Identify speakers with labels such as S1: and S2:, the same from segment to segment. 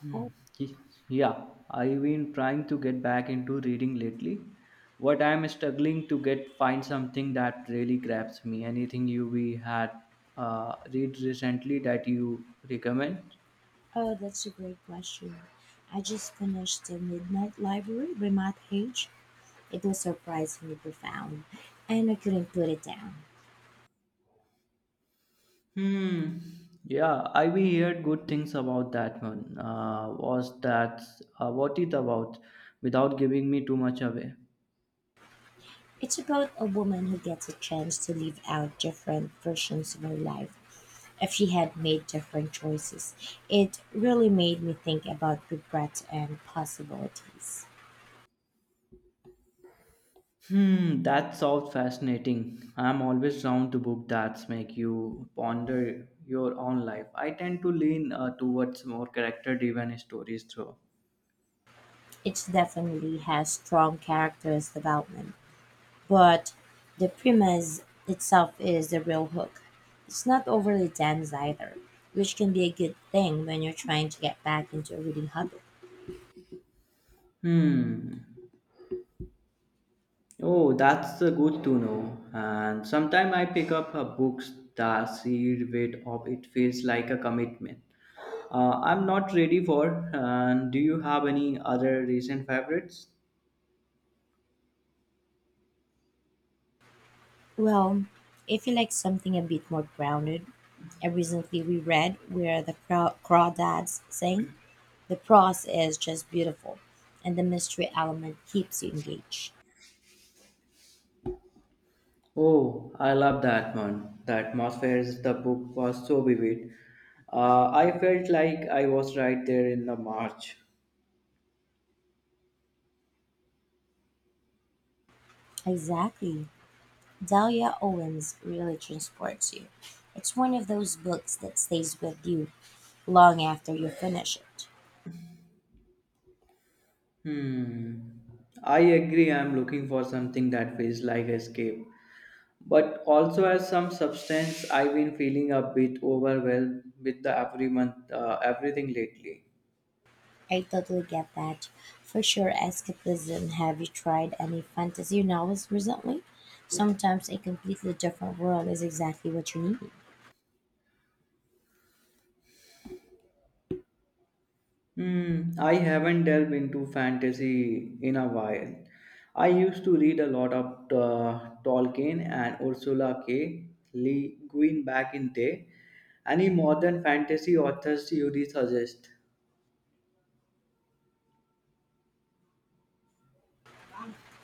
S1: Hmm.
S2: Oh,
S1: Yeah, I've been trying to get back into reading lately. What I'm struggling to get find something that really grabs me. Anything you we had read recently that you recommend?
S2: oh, that's a great question. I just finished The Midnight Library by Matt Haig. It was surprisingly profound, and I couldn't put it down.
S1: Hmm. Yeah, I we heard good things about that one. Was that what it about? Without giving me too much away.
S2: It's about a woman who gets a chance to live out different versions of her life if she had made different choices. It really made me think about regret and possibilities.
S1: Hmm, that sounds fascinating. I'm always drawn to book that make you ponder your own life. I tend to lean towards more character-driven stories though.
S2: It definitely has strong character development, but the premise itself is the real hook. It's not overly dense either, which can be a good thing when you're trying to get back into a reading habit.
S1: Hmm. Oh, that's good to know. And sometimes I pick up books that sheer weight of it feels like a commitment. I'm not ready for. And do you have any other recent favorites?
S2: Well, if you like something a bit more grounded, I recently reread Crawdads Sing. The prose is just beautiful, and the mystery element keeps you engaged.
S1: Oh, I love that one. The atmosphere of the book was so vivid. I felt like I was right there in the march.
S2: Exactly. Dahlia Owens really transports you. It's one of those books that stays with you long after you finish it.
S1: Hmm. I agree. I'm looking for something that feels like escape, but also has some substance. I've been feeling a bit overwhelmed with the every month, everything lately.
S2: I totally get that. For sure, escapism. Have you tried any fantasy novels recently? Sometimes a completely different world is exactly what you need.
S1: Hmm, I haven't delved into fantasy in a while. I used to read a lot of Tolkien and Ursula K. Le Guin back in day. Any modern fantasy authors you would suggest?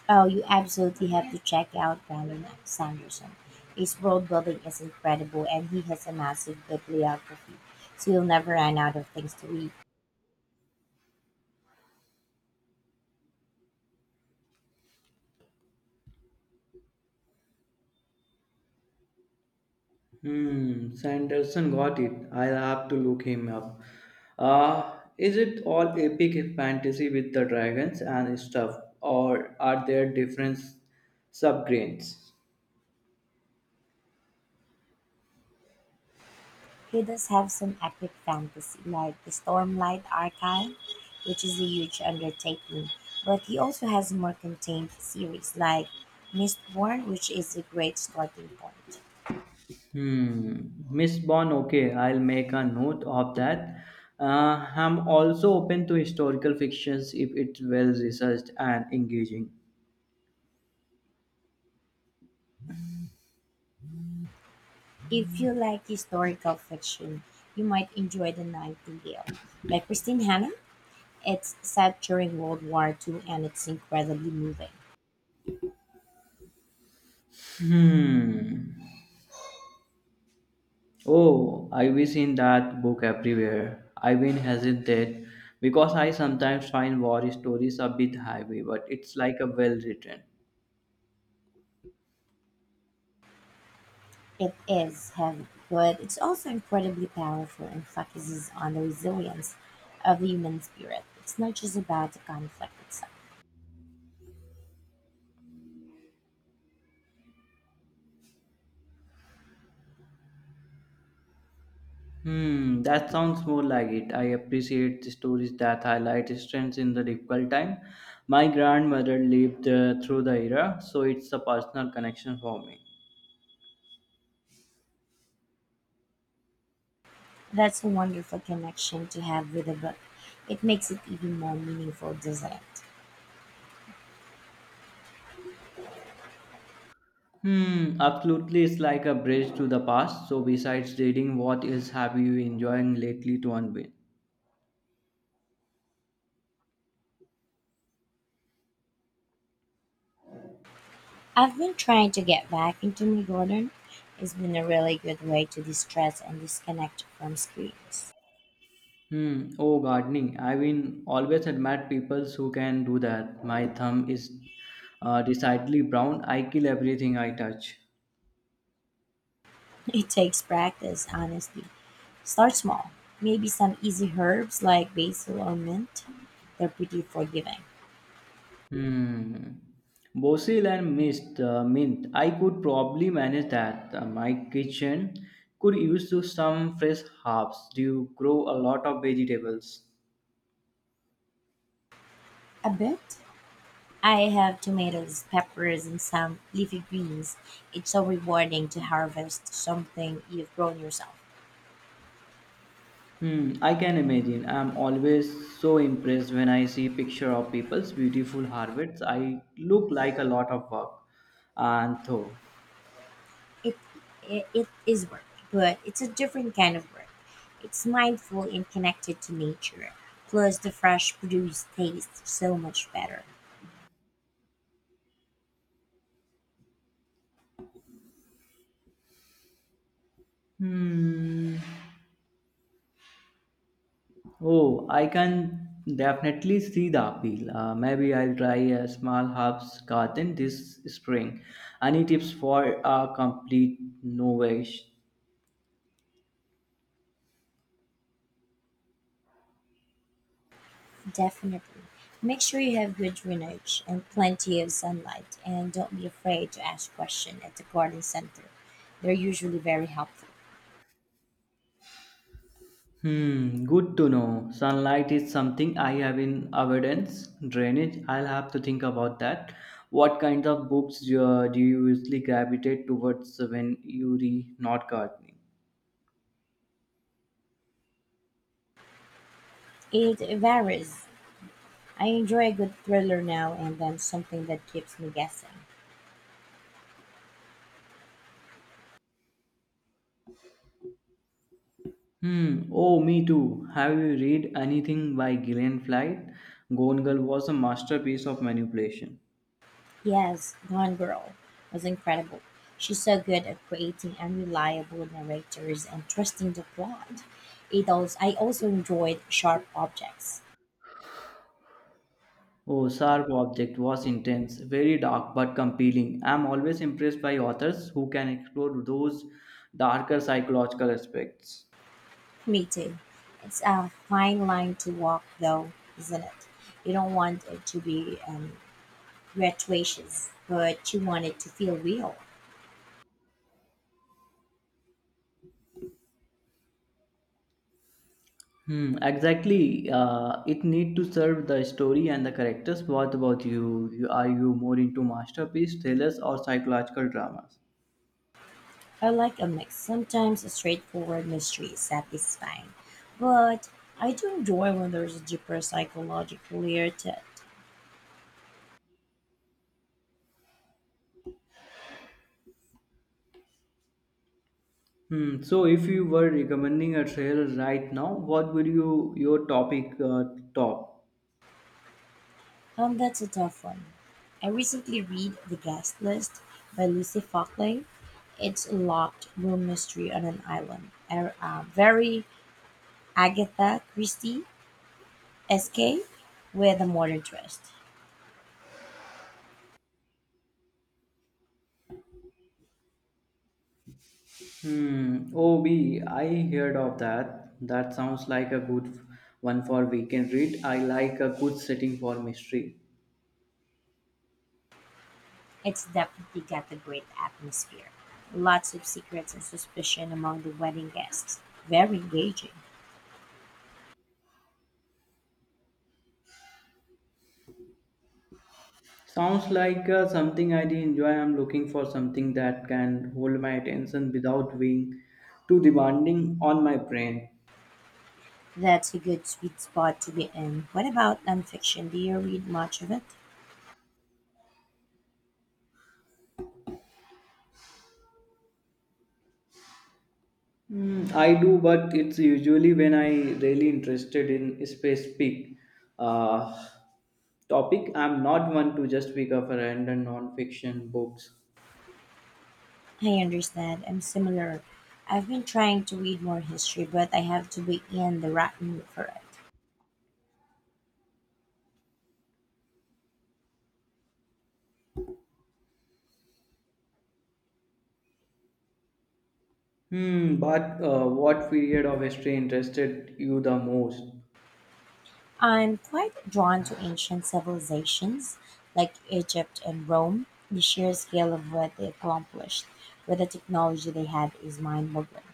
S2: Oh, you absolutely have to check out Brandon Sanderson. His world building is incredible and he has a massive bibliography, so you'll never run out of things to read.
S1: Hmm, Sanderson got it. I'll have to look him up. Is it all epic fantasy with the dragons and stuff, or are there different subgrains?
S2: He does have some epic fantasy, like the Stormlight Archive, which is a huge undertaking, but he also has more contained series like Mistborn, which is a great starting point.
S1: Hmm. Miss Bond, okay, I'll make a note of that. I'm also open to historical fictions if it's well researched and engaging.
S2: If you like historical fiction, you might enjoy The Nightingale by Christine Hanna. It's set during World War II, and it's incredibly moving.
S1: Hmm. Oh, I wish in that book everywhere. I have been hesitant because I sometimes find war stories a bit heavy, but it's like a well written.
S2: It is heavy, but it's also incredibly powerful and focuses on the resilience of the human spirit. It's not just about the conflict itself.
S1: Hmm, that sounds more like it. I appreciate the stories that highlight strengths in the difficult time. My grandmother lived through the era, so it's a personal connection for me.
S2: That's a wonderful connection to have with the book. It makes it even more meaningful, doesn't it?
S1: Hmm, absolutely, it's like a bridge to the past. So, besides reading, what else have you enjoying lately to unwind?
S2: I've been trying to get back into my garden. It's been a really good way to distress and disconnect from screens.
S1: Hmm, oh, gardening. I mean, always admire people who can do that. My thumb is decidedly brown. I kill everything I touch.
S2: It takes practice, honestly. Start small. Maybe some easy herbs like basil or mint. They're pretty forgiving.
S1: Hmm. Basil and mint. I could probably manage that. My kitchen could use to some fresh herbs. Do you grow a lot of vegetables?
S2: A bit. I have tomatoes, peppers, and some leafy greens. It's so rewarding to harvest something you've grown yourself.
S1: Hmm. I can imagine. I'm always so impressed when I see picture of people's beautiful harvests. I look like a lot of work and though.
S2: It, it is work, but it's a different kind of work. It's mindful and connected to nature. Plus, the fresh produce tastes so much better.
S1: Hmm. Oh, I can definitely see the appeal. Maybe I'll try a small herbs garden this spring. Any tips for a complete novice?
S2: Definitely. Make sure you have good drainage and plenty of sunlight, and don't be afraid to ask questions at the garden center. They're usually very helpful.
S1: Hmm, good to know. Sunlight is something I have in abundance. Drainage, I'll have to think about that. What kind of books do you usually gravitate towards when you read not gardening?
S2: It varies. I enjoy a good thriller now and then, something that keeps me guessing.
S1: Hmm. Oh, me too. Have you read anything by Gillian Flynn? Gone Girl was a masterpiece of manipulation.
S2: Yes, Gone Girl was incredible. She's so good at creating unreliable narrators and trusting the plot. I also enjoyed Sharp Objects.
S1: Oh, Sharp Object was intense, very dark but compelling. I'm always impressed by authors who can explore those darker psychological aspects.
S2: Me too. It's a fine line to walk, though, isn't it? You don't want it to be gratuitous, but you want it to feel real.
S1: Hmm, exactly. It need to serve the story and the characters. What about you? Are you more into masterpiece, thrillers, or psychological dramas?
S2: I like a mix. Sometimes a straightforward mystery is satisfying, but I do enjoy when there's a deeper psychological layer to it.
S1: Hmm. So, if you were recommending a trail right now, what would you your top?
S2: That's a tough one. I recently read The Guest List by Lucy Fockley. It's a locked room mystery on an island. Very Agatha Christie SK with a modern twist.
S1: Hmm. OB. I heard of that. That sounds like a good one for weekend read. I like a good setting for mystery.
S2: It's definitely got a great atmosphere. Lots of secrets and suspicion among the wedding guests. Very engaging.
S1: Sounds like something I enjoy. I'm looking for something that can hold my attention without being too demanding on my brain.
S2: That's a good sweet spot to be in. What about nonfiction? Do you read much of it?
S1: Mm, I do, but it's usually when I really interested in specific uh, topic. I'm not one to just pick up a random non-fiction books.
S2: I understand. I'm similar. I've been trying to read more history, but I have to be in the right mood for it.
S1: Hmm. But what period of history interested you the most?
S2: I'm quite drawn to ancient civilizations like Egypt and Rome. The sheer scale of what they accomplished with the technology they had is mind boggling.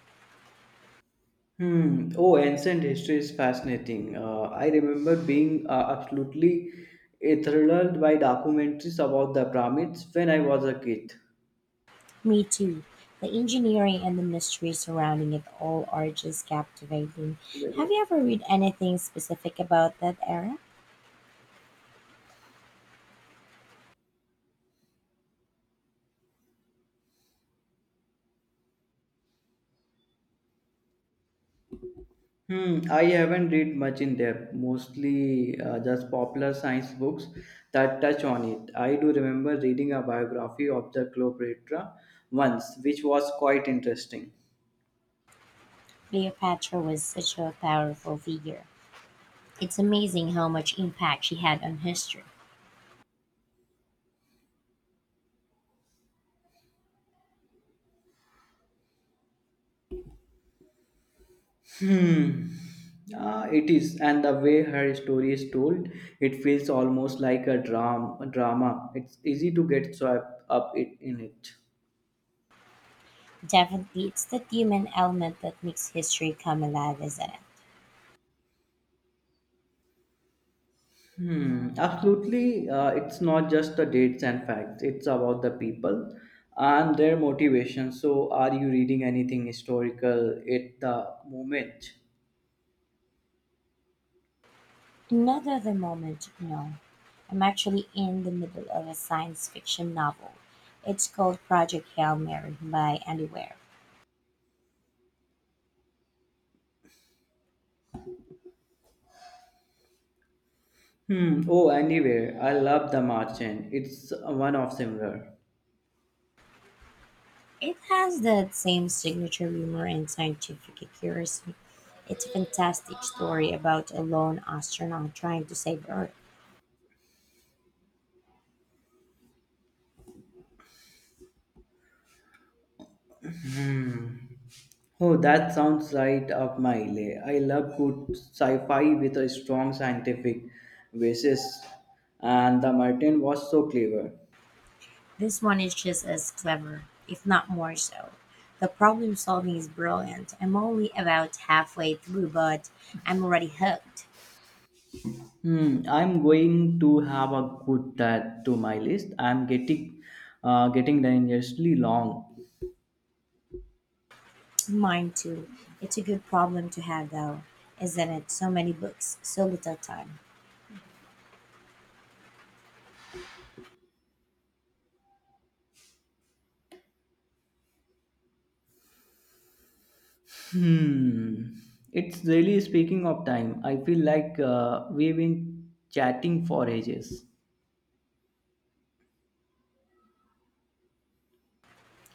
S1: Hmm. Oh, ancient history is fascinating. I remember being absolutely enthralled by documentaries about the pyramids when I was a kid.
S2: Me too. The engineering and the mystery surrounding it all are just captivating. Have you ever read anything specific about that era?
S1: Hmm, I haven't read much in depth, mostly just popular science books that touch on it. I do remember reading a biography of the Cleopatra once, which was quite interesting.
S2: Cleopatra was such a powerful figure. It's amazing how much impact she had on history.
S1: It is, and the way her story is told, it feels almost like a drama. Drama. It's easy to get swept up in it.
S2: Definitely, it's the human element that makes history come alive, isn't it?
S1: Hmm, absolutely. It's not just the dates and facts, it's about the people and their motivation. So, are you reading anything historical at the moment?
S2: Not at the moment, no. I'm actually in the middle of a science fiction novel. It's called Project Hail Mary by Andy Weir.
S1: Hmm. Oh, anywhere. I love The Martian. It's one of similar.
S2: It has that same signature humor and scientific accuracy. It's a fantastic story about a lone astronaut trying to save Earth.
S1: Oh, that sounds right up my alley. I love good sci-fi with a strong scientific basis, and The Martian was so clever.
S2: This one is just as clever, if not more so. The problem solving is brilliant. I'm only about halfway through, but I'm already hooked.
S1: Hmm, I'm going to have a good add to my list. I'm getting dangerously long.
S2: Mine too. It's a good problem to have, though, isn't it? So many books, so little time.
S1: Hmm. It's really speaking of time. I feel like we've been chatting for ages.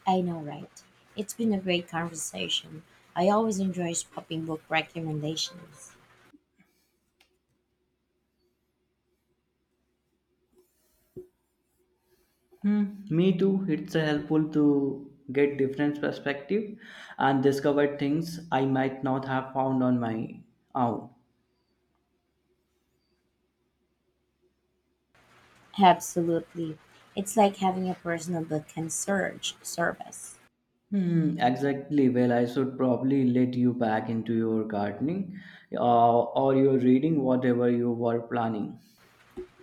S2: I know, right? It's been a great conversation. I always enjoy swapping book recommendations.
S1: Hmm. Me too. It's helpful to get different perspective and discover things I might not have found on my own.
S2: Absolutely. It's like having a personal but concierge service.
S1: Hmm, exactly. Well, I should probably let you back into your gardening or your reading, whatever you were planning.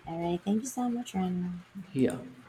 S2: All right. Thank you so much, Rana.
S1: Here.